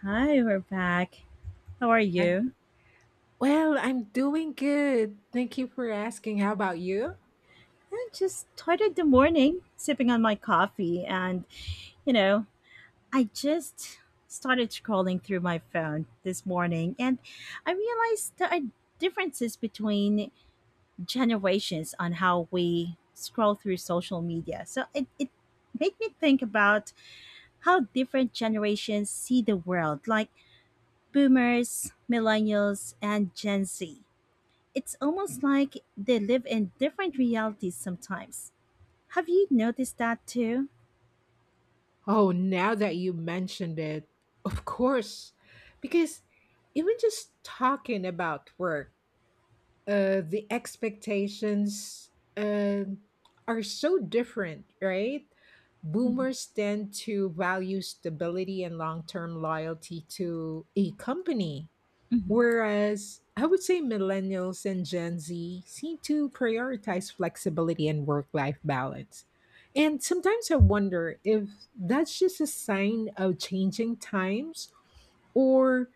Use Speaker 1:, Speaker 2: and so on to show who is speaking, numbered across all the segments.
Speaker 1: Hi, we're back. How are
Speaker 2: Okay.
Speaker 1: you?
Speaker 2: Well, I'm doing good. Thank you for asking. How about you?
Speaker 1: I just started the morning sipping on my coffee, and you know, I just started scrolling through my phone this morning, and I realized there are differences between generations on how we scroll through social media. So it made me think about how different generations see the world, like boomers, millennials, and Gen Z. It's almost like they live in different realities sometimes. Have you noticed that too?
Speaker 2: Oh, now that you mentioned it, of course. Because even just talking about work, the expectations uh, are so different, right?
Speaker 1: Mhm,
Speaker 2: Boomers tend to value stability and long term loyalty to a company,
Speaker 1: mhm.
Speaker 2: whereas I would say millennials and Gen Z seem to prioritize flexibility and work life balance. And sometimes I wonder if that's just a sign of changing times or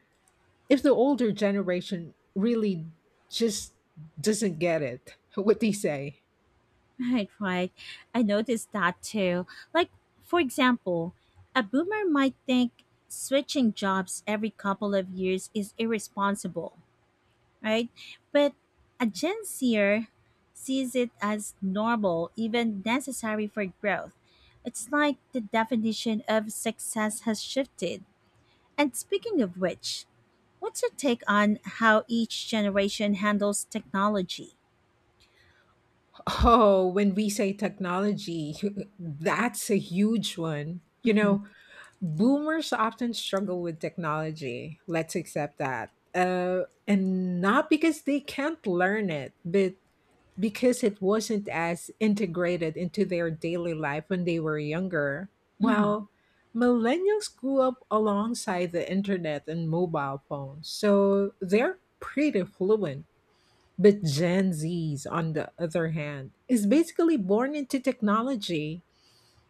Speaker 2: if the older generation really just doesn't get it. What do you say?
Speaker 1: Right, right. I noticed that too. Like, for example, a boomer might think switching jobs every couple of years is irresponsible, right? But a Gen Zer sees it as normal, even necessary for growth. It's like the definition of success has shifted. And speaking of which, what's your take on how each generation handles technology?
Speaker 2: Oh, when we say technology, that's a huge one. You know, boomers often struggle with technology. Let's accept that. And not because they can't learn it, but because it wasn't as integrated into their daily life when they were younger.
Speaker 1: hmm
Speaker 2: Well, millennials grew up alongside the internet and mobile phones, so they're pretty fluent, but Gen Zs, on the other hand, is basically born into technology.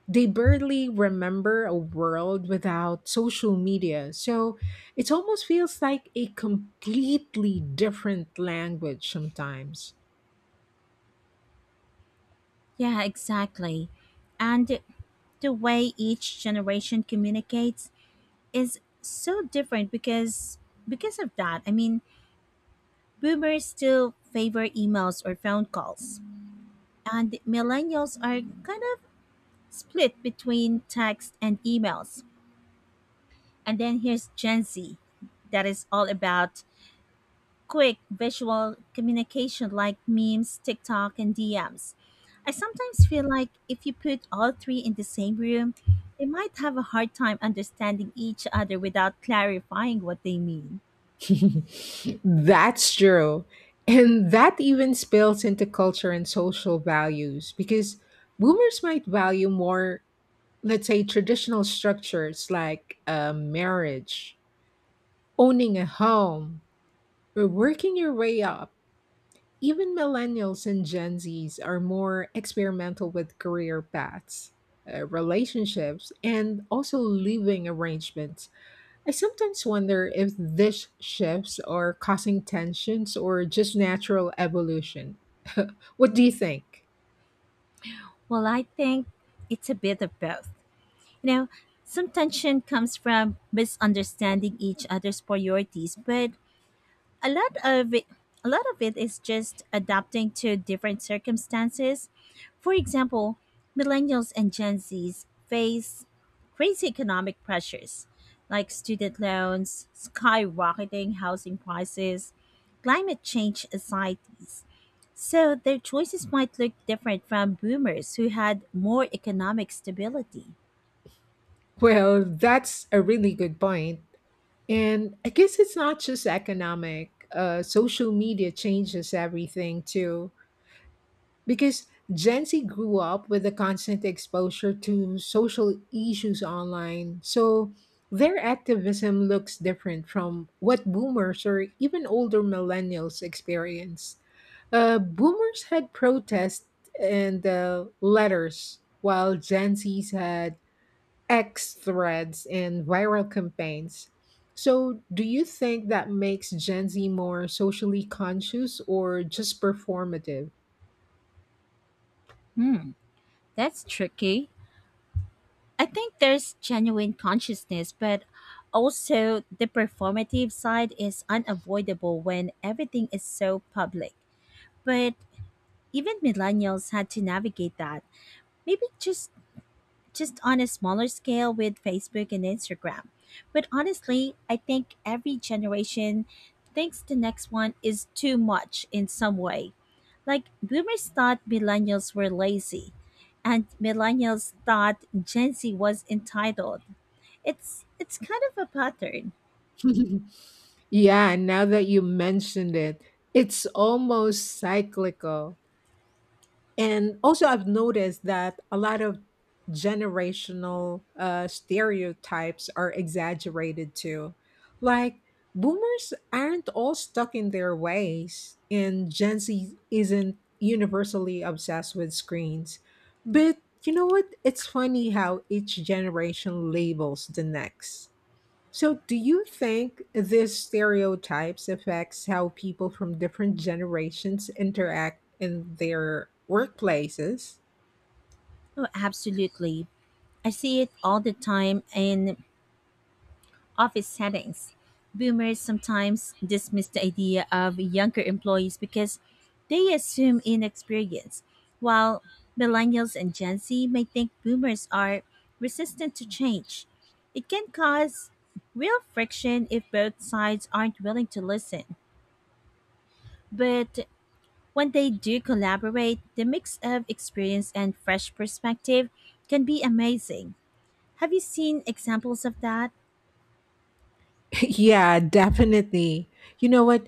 Speaker 2: They barely remember a world without social media. So it almost feels like a completely different language sometimes.
Speaker 1: Yeah, exactly. And the way each generation communicates is so different because of that. I mean, boomers still favor emails or phone calls, and millennials are kind of split between text and emails. And then here's Gen Z that is all about quick visual communication like memes, TikTok, and DMs. I sometimes feel like if you put all three in the same room, they might have a hard time understanding each other without clarifying what they mean.
Speaker 2: That's true. And that even spills into culture and social values, because boomers might value more, let's say, traditional structures like marriage, owning a home, we're working your way up. Even millennials and Gen Zs are more experimental with career paths, relationships, and also living arrangements. I sometimes wonder if these shifts are causing tensions or just natural evolution. What do you think?
Speaker 1: Well, I think it's a bit of both. You know, some tension comes from misunderstanding each other's priorities, but a lot of it, a lot of it is just adapting to different circumstances. For example, millennials and Gen Zs face crazy economic pressures like student loans, skyrocketing housing prices, climate change anxieties. So their choices might look different from boomers who had more economic stability.
Speaker 2: Well, that's a really good point. And I guess it's not just economic. Social media changes everything too, because Gen Z grew up with the constant exposure to social issues online, so their activism looks different from what boomers or even older millennials experience. Boomers had protests and letters, while Gen Zs had X threads and viral campaigns. So, do you think that makes Gen Z more socially conscious or just performative?
Speaker 1: That's tricky. I think there's genuine consciousness, but also the performative side is unavoidable when everything is so public. But even millennials had to navigate that. Maybe just on a smaller scale with Facebook and Instagram. But honestly, I think every generation thinks the next one is too much in some way. Like boomers thought millennials were lazy and millennials thought Gen Z was entitled. It's kind of a pattern.
Speaker 2: Yeah, now that you mentioned it, it's almost cyclical. And also, I've noticed that a lot of generational stereotypes are exaggerated too. Like, boomers aren't all stuck in their ways, and Gen Z isn't universally obsessed with screens. But you know what? It's funny how each generation labels the next. So, do you think these stereotypes affects how people from different generations interact in their workplaces?
Speaker 1: Oh, absolutely. I see it all the time in office settings. Boomers sometimes dismiss the idea of younger employees because they assume inexperience, while millennials and Gen Z may think boomers are resistant to change. It can cause real friction if both sides aren't willing to listen. But when they do collaborate, the mix of experience and fresh perspective can be amazing. Have you seen examples of that?
Speaker 2: Yeah, definitely. You know what?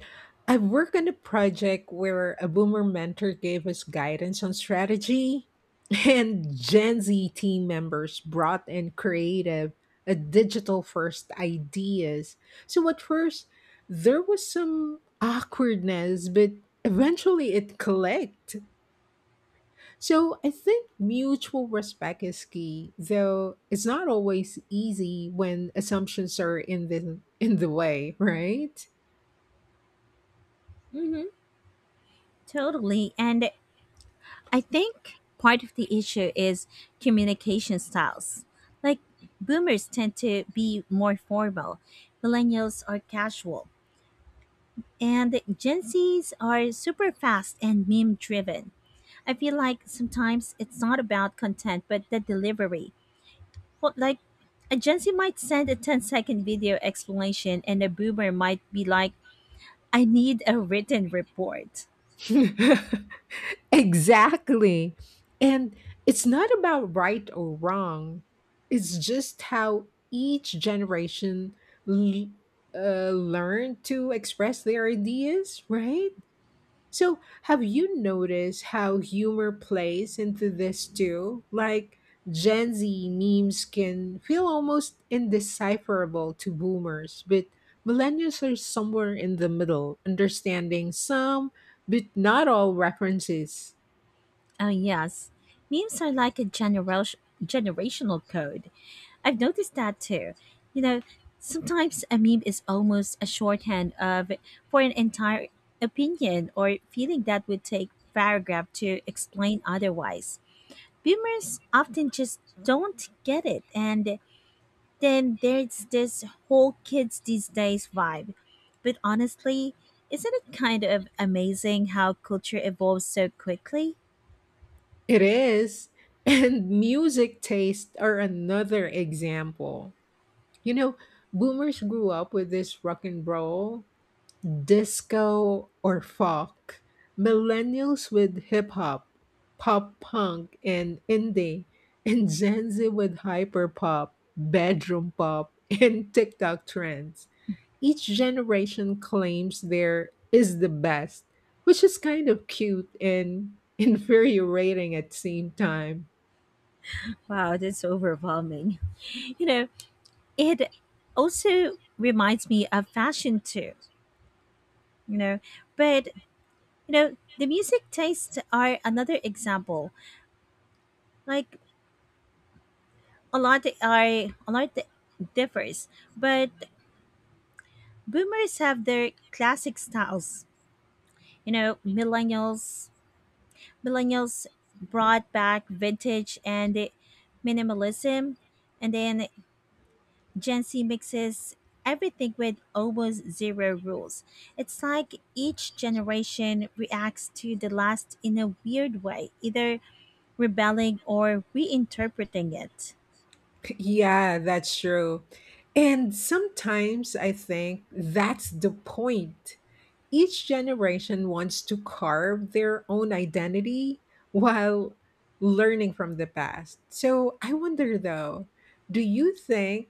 Speaker 2: I worked on a project where a boomer mentor gave us guidance on strategy, and Gen Z team members brought in creative, digital first ideas. So, at first, there was some awkwardness, but eventually it clicked. So I think mutual respect is key, though it's not always easy when assumptions are in the way, right?
Speaker 1: Mm-hmm. Totally. And I think part of the issue is communication styles. Like, boomers tend to be more formal, millennials are casual, and Gen Zs are super fast and meme driven. I feel like sometimes it's not about content, but the delivery. Well, like a Gen Z might send a ten-second video explanation and a boomer might be like, I need a written report.
Speaker 2: Exactly. And it's not about right or wrong. It's just how each generation l- learned to express their ideas, right? So, have you noticed how humor plays into this too? Like, Gen Z memes can feel almost indecipherable to boomers, but millennials are somewhere in the middle, understanding some, but not all references.
Speaker 1: Oh yes. Memes are like a generational code. I've noticed that too. You know, sometimes a meme is almost a shorthand of for an entire opinion or feeling that would take paragraph to explain otherwise. Boomers often just don't get it, and then there's this whole kids these days vibe. But honestly, isn't it kind of amazing how culture evolves so quickly?
Speaker 2: It is. And music tastes are another example. You know, boomers grew up with this rock and roll, disco or folk, millennials with hip hop, pop punk, and indie, and Gen Z with hyper pop, bedroom pop, and TikTok trends. Each generation claims there is the best, which is kind of cute and infuriating at the same time.
Speaker 1: Wow, that's overwhelming. You know, it also reminds me of fashion too, you know. But, you know, the music tastes are another example. Like, a lot differs, but boomers have their classic styles. You know, millennials brought back vintage and minimalism, and then Gen Z mixes everything with almost zero rules. It's like each generation reacts to the last in a weird way, either rebelling or reinterpreting it.
Speaker 2: Yeah, that's true. And sometimes I think that's the point. Each generation wants to carve their own identity while learning from the past. So I wonder though, do you think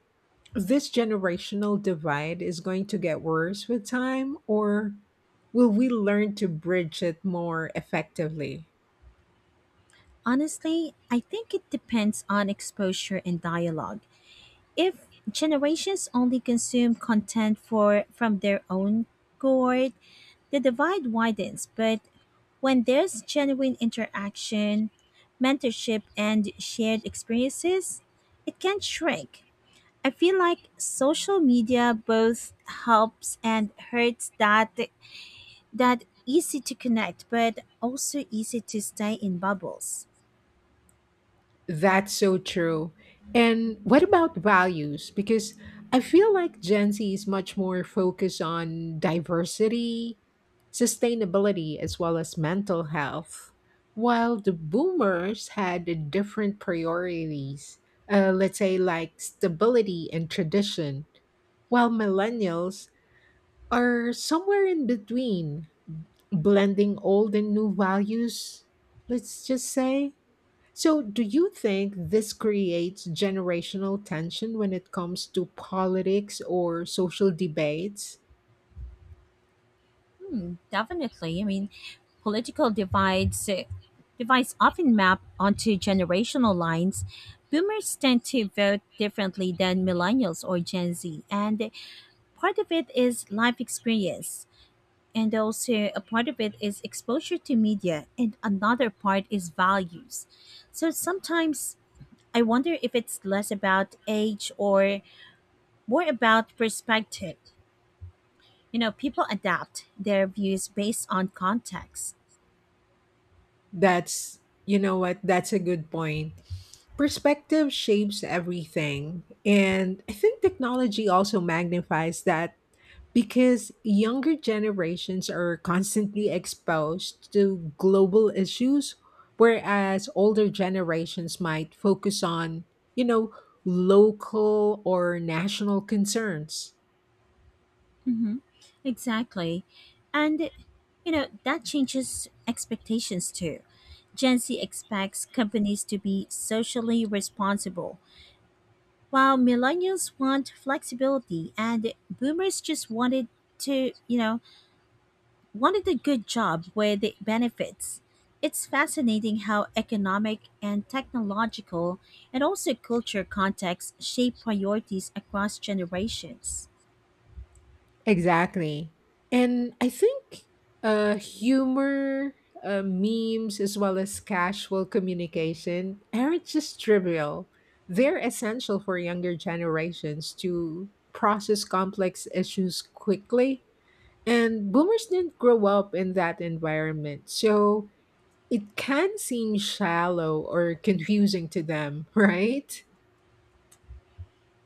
Speaker 2: this generational divide is going to get worse with time, or will we learn to bridge it more effectively?
Speaker 1: Honestly, I think it depends on exposure and dialogue. If generations only consume content for from their own cohort, the divide widens, but when there's genuine interaction, mentorship, and shared experiences, it can shrink. I feel like social media both helps and hurts that easy to connect, but also easy to stay in bubbles.
Speaker 2: That's so true. And what about values? Because I feel like Gen Z is much more focused on diversity, sustainability, as well as mental health, while the boomers had the different priorities, let's say like stability and tradition, while millennials are somewhere in between, blending old and new values, let's just say. So, do you think this creates generational tension when it comes to politics or social debates?
Speaker 1: Hmm, definitely. I mean, political divides often map onto generational lines. Boomers tend to vote differently than millennials or Gen Z, and part of it is life experience, and also a part of it is exposure to media, and another part is values. So sometimes I wonder if it's less about age or more about perspective. You know, people adapt their views based on context.
Speaker 2: That's, you know what, that's a good point. Perspective shapes everything. And I think technology also magnifies that, because younger generations are constantly exposed to global issues, whereas older generations might focus on, you know, local or national concerns.
Speaker 1: hmm exactly. And you know, that changes expectations too. Gen Z expects companies to be socially responsible, while millennials want flexibility and boomers just wanted to, you know, wanted a good job with benefits. It's fascinating how economic and technological and also culture contexts shape priorities across generations.
Speaker 2: Exactly. And I think humor, memes, as well as casual communication aren't just trivial. They're essential for younger generations to process complex issues quickly. And boomers didn't grow up in that environment, so it can seem shallow or confusing to them, right?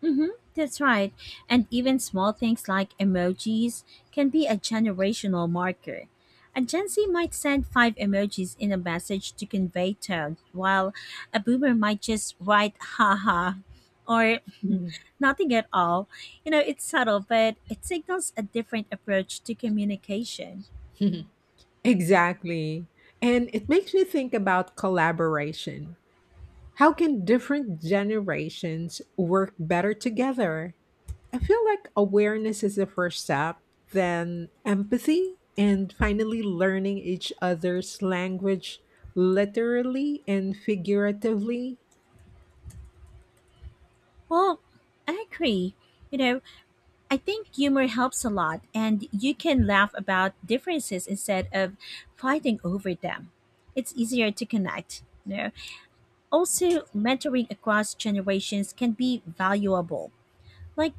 Speaker 1: Mm-hmm, that's right. And even small things like emojis can be a generational marker. A Gen Z might send five emojis in a message to convey tone, while a boomer might just write haha or
Speaker 2: Mhm.
Speaker 1: nothing at all. You know, it's subtle, but it signals a different approach to communication.
Speaker 2: Exactly. And it makes me think about collaboration. How can different generations work better together? I feel like awareness is the first step, then empathy, and finally learning each other's language, literally and figuratively.
Speaker 1: Well, I agree. You know, I think humor helps a lot, and you can laugh about differences instead of fighting over them. It's easier to connect. You know? Also, mentoring across generations can be valuable. Like,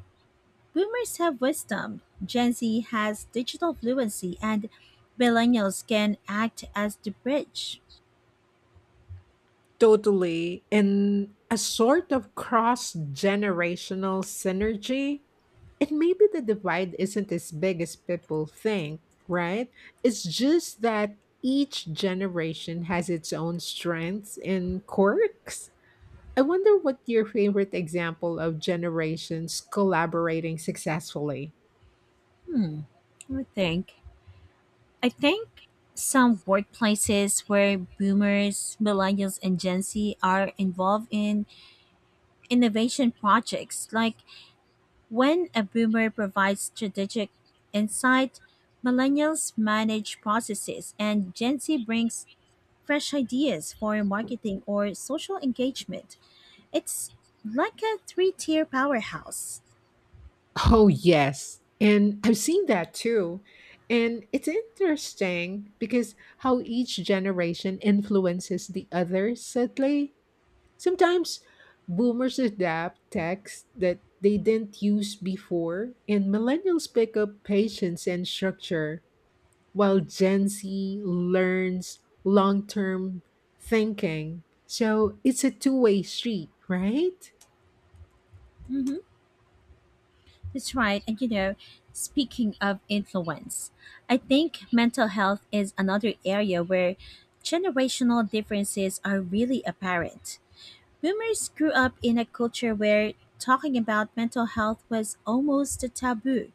Speaker 1: boomers have wisdom, Gen Z has digital fluency, and millennials can act as the bridge.
Speaker 2: Totally. And a sort of cross generational synergy. And maybe the divide isn't as big as people think, right? It's just that each generation has its own strengths and quirks. I wonder what your favorite example of generations collaborating successfully.
Speaker 1: Let me think. I think some workplaces where boomers, millennials, and Gen Z are involved in innovation projects. Like when a boomer provides strategic insight, millennials manage processes, and Gen Z brings fresh ideas for marketing or social engagement. It's like a three tier powerhouse.
Speaker 2: Oh, yes. And I've seen that too. And it's interesting because how each generation influences the other subtly. Sometimes boomers adapt texts that they didn't use before, and millennials pick up patience and structure, while Gen Z learns long term thinking. So it's a two-way street, right?
Speaker 1: hmm That's right. And you know, speaking of influence, I think mental health is another area where generational differences are really apparent. Boomers grew up in a culture where talking about mental health was almost a taboo.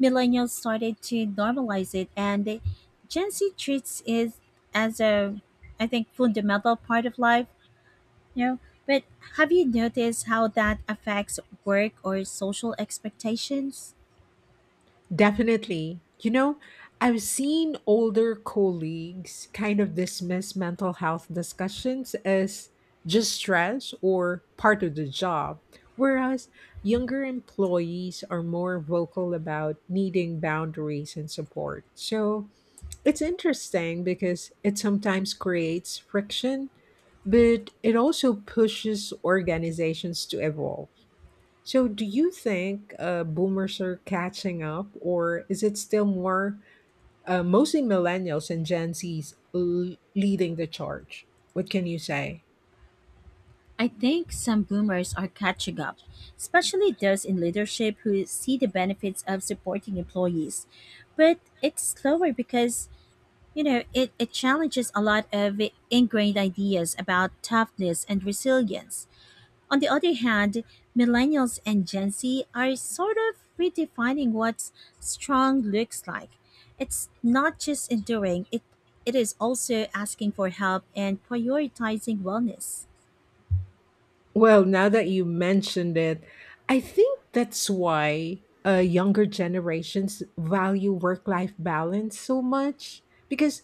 Speaker 1: Millennials started to normalize it, and the Gen Z treats it as a, I think, fundamental part of life. You know, but have you noticed how that affects work or social expectations?
Speaker 2: Definitely. You know, I've seen older colleagues kind of dismiss mental health discussions as just stress or part of the job, whereas younger employees are more vocal about needing boundaries and support. So it's interesting because it sometimes creates friction, but it also pushes organizations to evolve. So, do you think boomers are catching up, or is it still more mostly millennials and Gen Zs leading the charge? What can you say?
Speaker 1: I think some boomers are catching up, especially those in leadership who see the benefits of supporting employees. But it's slower because, you know, it challenges a lot of ingrained ideas about toughness and resilience. On the other hand, millennials and Gen Z are sort of redefining what strong looks like. It's not just enduring, it is also asking for help and prioritizing wellness.
Speaker 2: Well, now that you mentioned it, I think that's why younger generations value work life balance so much because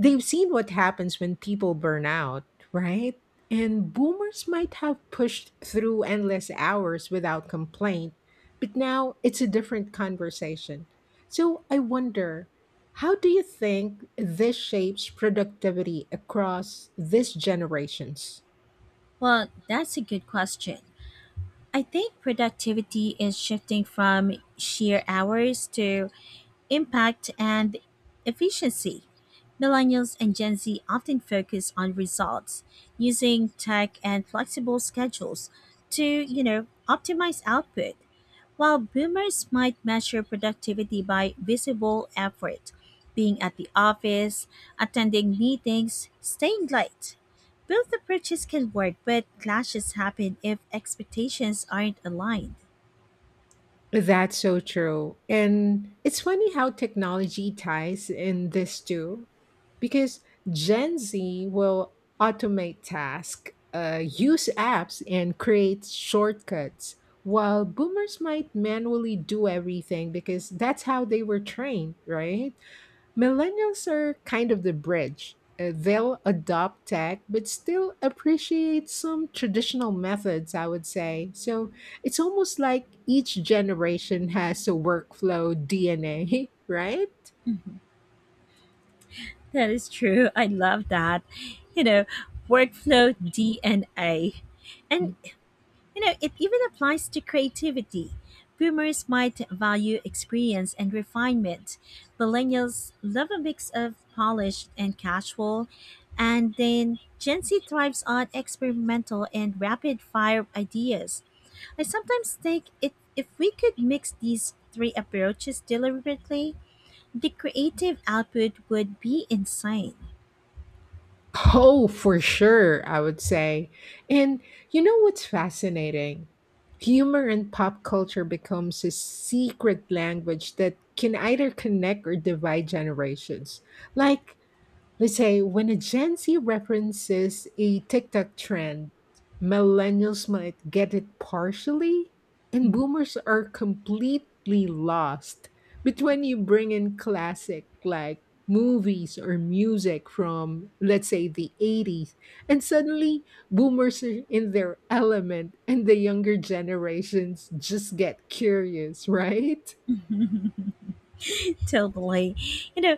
Speaker 2: they've seen what happens when people burn out, right? And boomers might have pushed through endless hours without complaint, but now it's a different conversation. So I wonder, how do you think this shapes productivity across these generations?
Speaker 1: Well, that's a good question. I think productivity is shifting from sheer hours to impact and efficiency. Millennials and Gen Z often focus on results, using tech and flexible schedules to, you know, optimize output, while boomers might measure productivity by visible effort, being at the office, attending meetings, staying late. Both approaches can work, but clashes happen if expectations aren't aligned.
Speaker 2: That's so true. And it's funny how technology ties in this too, because Gen Z will automate tasks, use apps, and create shortcuts, while boomers might manually do everything because that's how they were trained, right? Millennials are kind of the bridge. They'll adopt tech, but still appreciate some traditional methods, I would say. So it's almost like each generation has a workflow DNA, right?
Speaker 1: That is true. I love that. You know, workflow DNA. And you know, it even applies to creativity. Boomers might value experience and refinement. Millennials love a mix of polished and casual. And then Gen Z thrives on experimental and rapid fire ideas. I sometimes think it, if we could mix these three approaches deliberately, the creative output would be insane.
Speaker 2: Oh, for sure, I would say. And you know what's fascinating? Humor and pop culture becomes a secret language that can either connect or divide generations. Like, let's say when a Gen Z references a TikTok trend, millennials might get it partially, and boomers are completely lost. But when you bring in classic like movies or music from, let's say, the 80s, and suddenly boomers are in their element, and the younger generations just get curious, right?
Speaker 1: Totally. You know,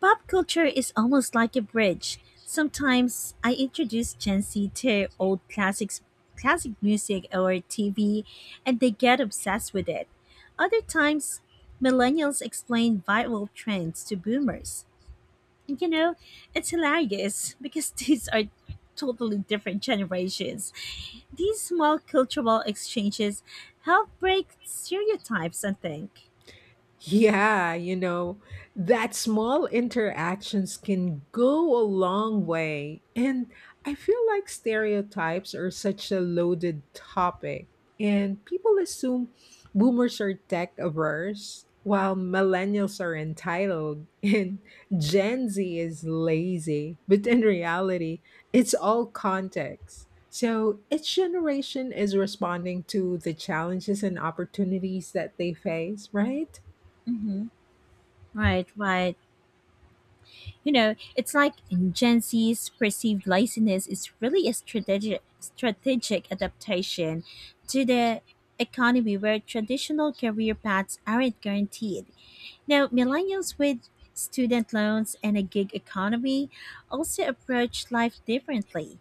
Speaker 1: pop culture is almost like a bridge. Sometimes I introduce Gen Z to old classic music or TV, and they get obsessed with it. Other times, millennials explain viral trends to boomers. And you know, it's hilarious because these are totally different generations. These small cultural exchanges help break stereotypes, I think.
Speaker 2: Yeah, you know, that small interactions can go a long way. And I feel like stereotypes are such a loaded topic. And people assume boomers are tech averse, while millennials are entitled, and Gen Z is lazy. But in reality, it's all context. So each generation is responding to the challenges and opportunities that they face, right?
Speaker 1: hmm Right, right. You know, it's like Gen Z's perceived laziness is really a strategic adaptation to the economy where traditional career paths aren't guaranteed. Now, millennials with student loans and a gig economy also approach life differently.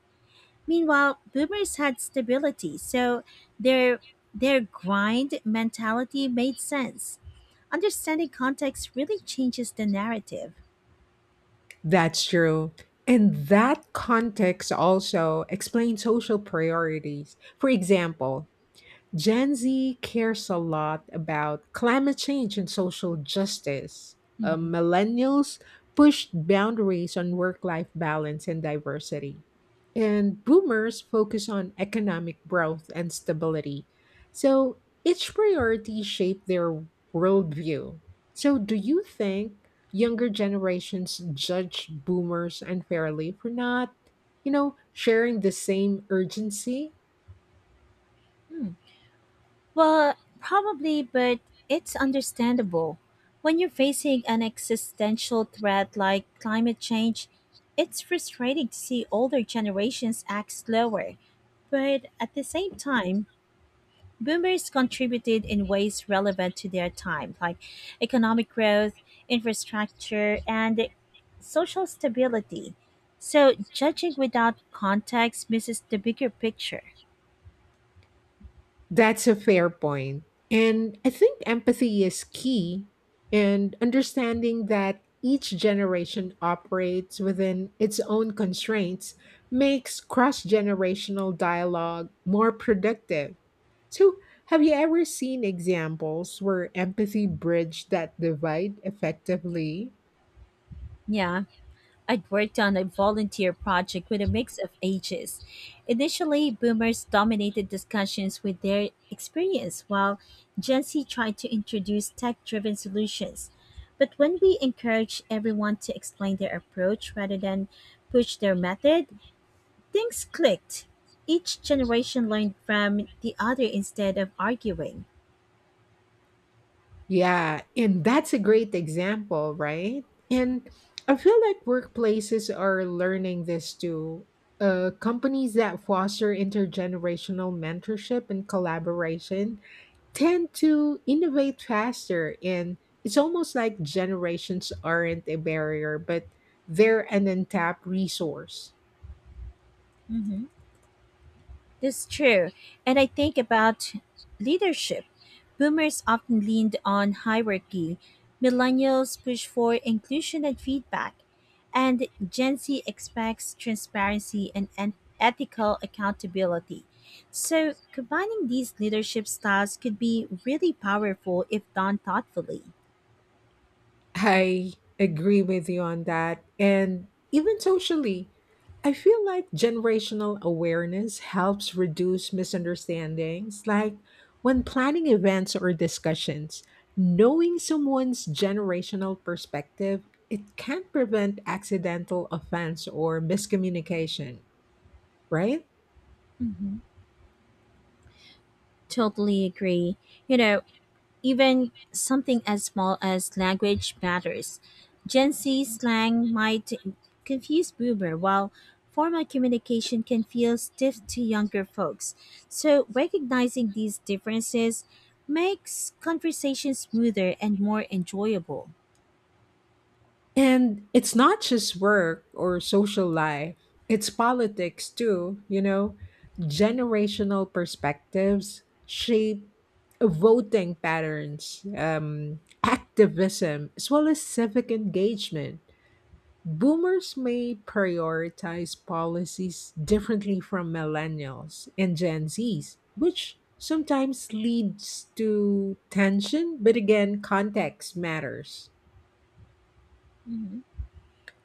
Speaker 1: Meanwhile, boomers had stability, so their their grind mentality made sense. Understanding context really changes the narrative.
Speaker 2: That's true. And that context also explains social priorities. For example, Gen Z cares a lot about climate change and social justice. Millennials pushed boundaries on work life balance and diversity. And boomers focus on economic growth and stability. So each priority shaped their worldview. So, do you think younger generations judge boomers unfairly for not, you know, sharing the same urgency?
Speaker 1: Well, probably, but it's understandable. When you're facing an existential threat like climate change, it's frustrating to see older generations act slower. But at the same time, boomers contributed in ways relevant to their time, like economic growth, infrastructure, and social stability. So judging without context misses the bigger picture.
Speaker 2: That's a fair point. And I think empathy is key, and understanding that each generation operates within its own constraints makes cross-generational dialogue more productive. So, have you ever seen examples where empathy bridged that divide effectively?
Speaker 1: Yeah. I'd worked on a volunteer project with a mix of ages. Initially, boomers dominated discussions with their experience, while Gen Z tried to introduce tech driven solutions. But when we encouraged everyone to explain their approach rather than push their method, things clicked. Each generation learned from the other instead of arguing.
Speaker 2: Yeah, and that's a great example, right? And I feel like workplaces are learning this too. Companies that foster intergenerational mentorship and collaboration tend to innovate faster. And it's almost like generations aren't a barrier, but they're an untapped resource.
Speaker 1: Mhm. That's true. And I think about leadership. Boomers often leaned on hierarchy, millennials push for inclusion and feedback, and Gen Z expects transparency and ethical accountability. So, combining these leadership styles could be really powerful if done thoughtfully.
Speaker 2: I agree with you on that. And even socially, I feel like generational awareness helps reduce misunderstandings. Like, when planning events or discussions, knowing someone's generational perspective, it can prevent accidental offense or miscommunication, right?
Speaker 1: hmm Totally agree. You know, even something as small as language matters. Gen Z slang might confuse boomer, while formal communication can feel stiff to younger folks. So, recognizing these differences makes conversation smoother and more enjoyable.
Speaker 2: And it's not just work or social life, it's politics too, you know. Generational perspectives shape voting patterns, activism, as well as civic engagement. Boomers may prioritize policies differently from millennials and Gen Zs, which sometimes leads to tension, but again, context matters.
Speaker 1: hmm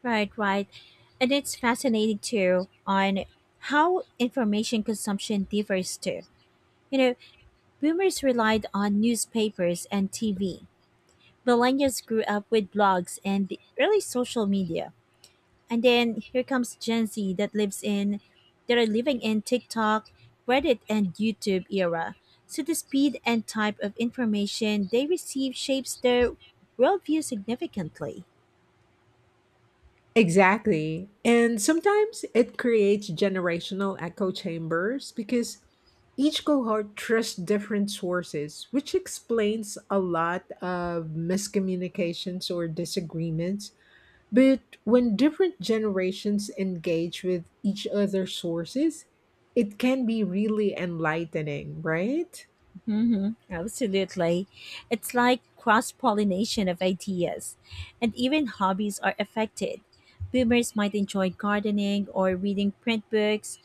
Speaker 1: Right, right. And it's fascinating too on how information consumption differs too. You know, boomers relied on newspapers and TV, millennials grew up with blogs and the early social media. And then here comes Gen Z that are living in TikTok, Reddit and YouTube era. So the speed and type of information they receive shapes their worldview significantly.
Speaker 2: Exactly. And sometimes it creates generational echo chambers because each cohort trusts different sources, which explains a lot of miscommunications or disagreements. But when different generations engage with each other's sources, it can be really enlightening, right?
Speaker 1: Absolutely. It's like cross pollination of ideas, and even hobbies are affected. Boomers might enjoy gardening or reading print books.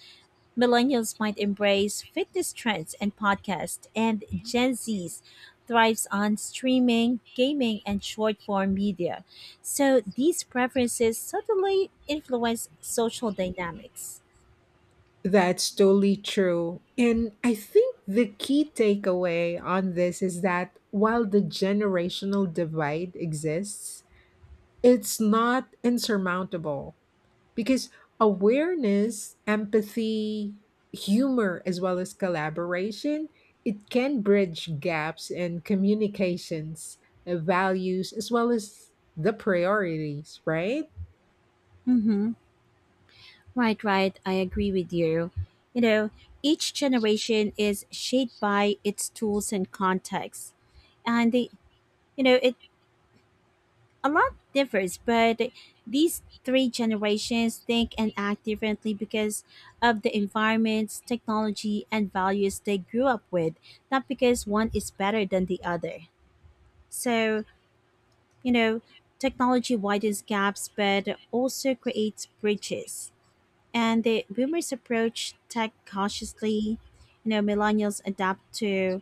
Speaker 1: Millennials might embrace fitness trends and podcasts, and Gen Zs thrives on streaming, gaming, and short form media. So these preferences subtly influence social dynamics.
Speaker 2: That's totally true. And I think the key takeaway on this is that while the generational divide exists, it's not insurmountable because awareness, empathy, humor, as well as collaboration, it can bridge gaps in communications, values, as well as the priorities, right?
Speaker 1: Right, right. I agree with you. You know, each generation is shaped by its tools and context. And they, you know, it a lot differs, but these three generations think and act differently because of the environments, technology, and values they grew up with, not because one is better than the other. So, you know, technology widens gaps but also creates bridges. And the boomers approach tech cautiously. You know, millennials adapt to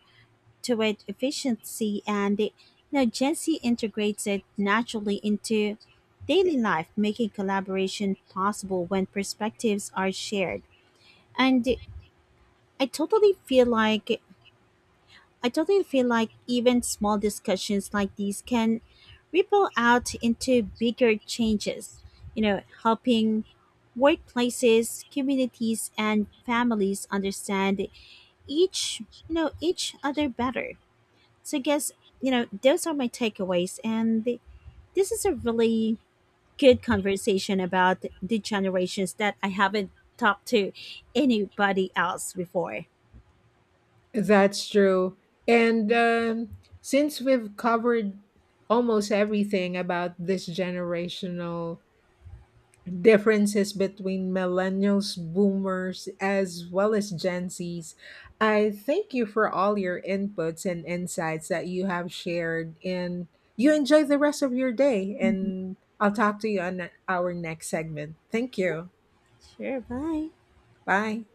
Speaker 1: to it efficiency, and the, you know, Gen Z integrates it naturally into daily life, making collaboration possible when perspectives are shared. And i totally feel like I totally feel like even small discussions like these can ripple out into bigger changes, you know, helping workplaces, communities, and families understand each, each other better. So I guess, you know, those are my takeaways. And this is a really good conversation about the generations that I haven't talked to anybody else before.
Speaker 2: That's true. And since we've covered almost everything about this generational differences between millennials, boomers, as well as Gen Zs, I thank you for all your inputs and insights that you have shared. And you enjoy the rest of your day.
Speaker 1: Mhm.
Speaker 2: And I'll talk to you on our next segment. Thank you.
Speaker 1: Sure. Bye.
Speaker 2: Bye.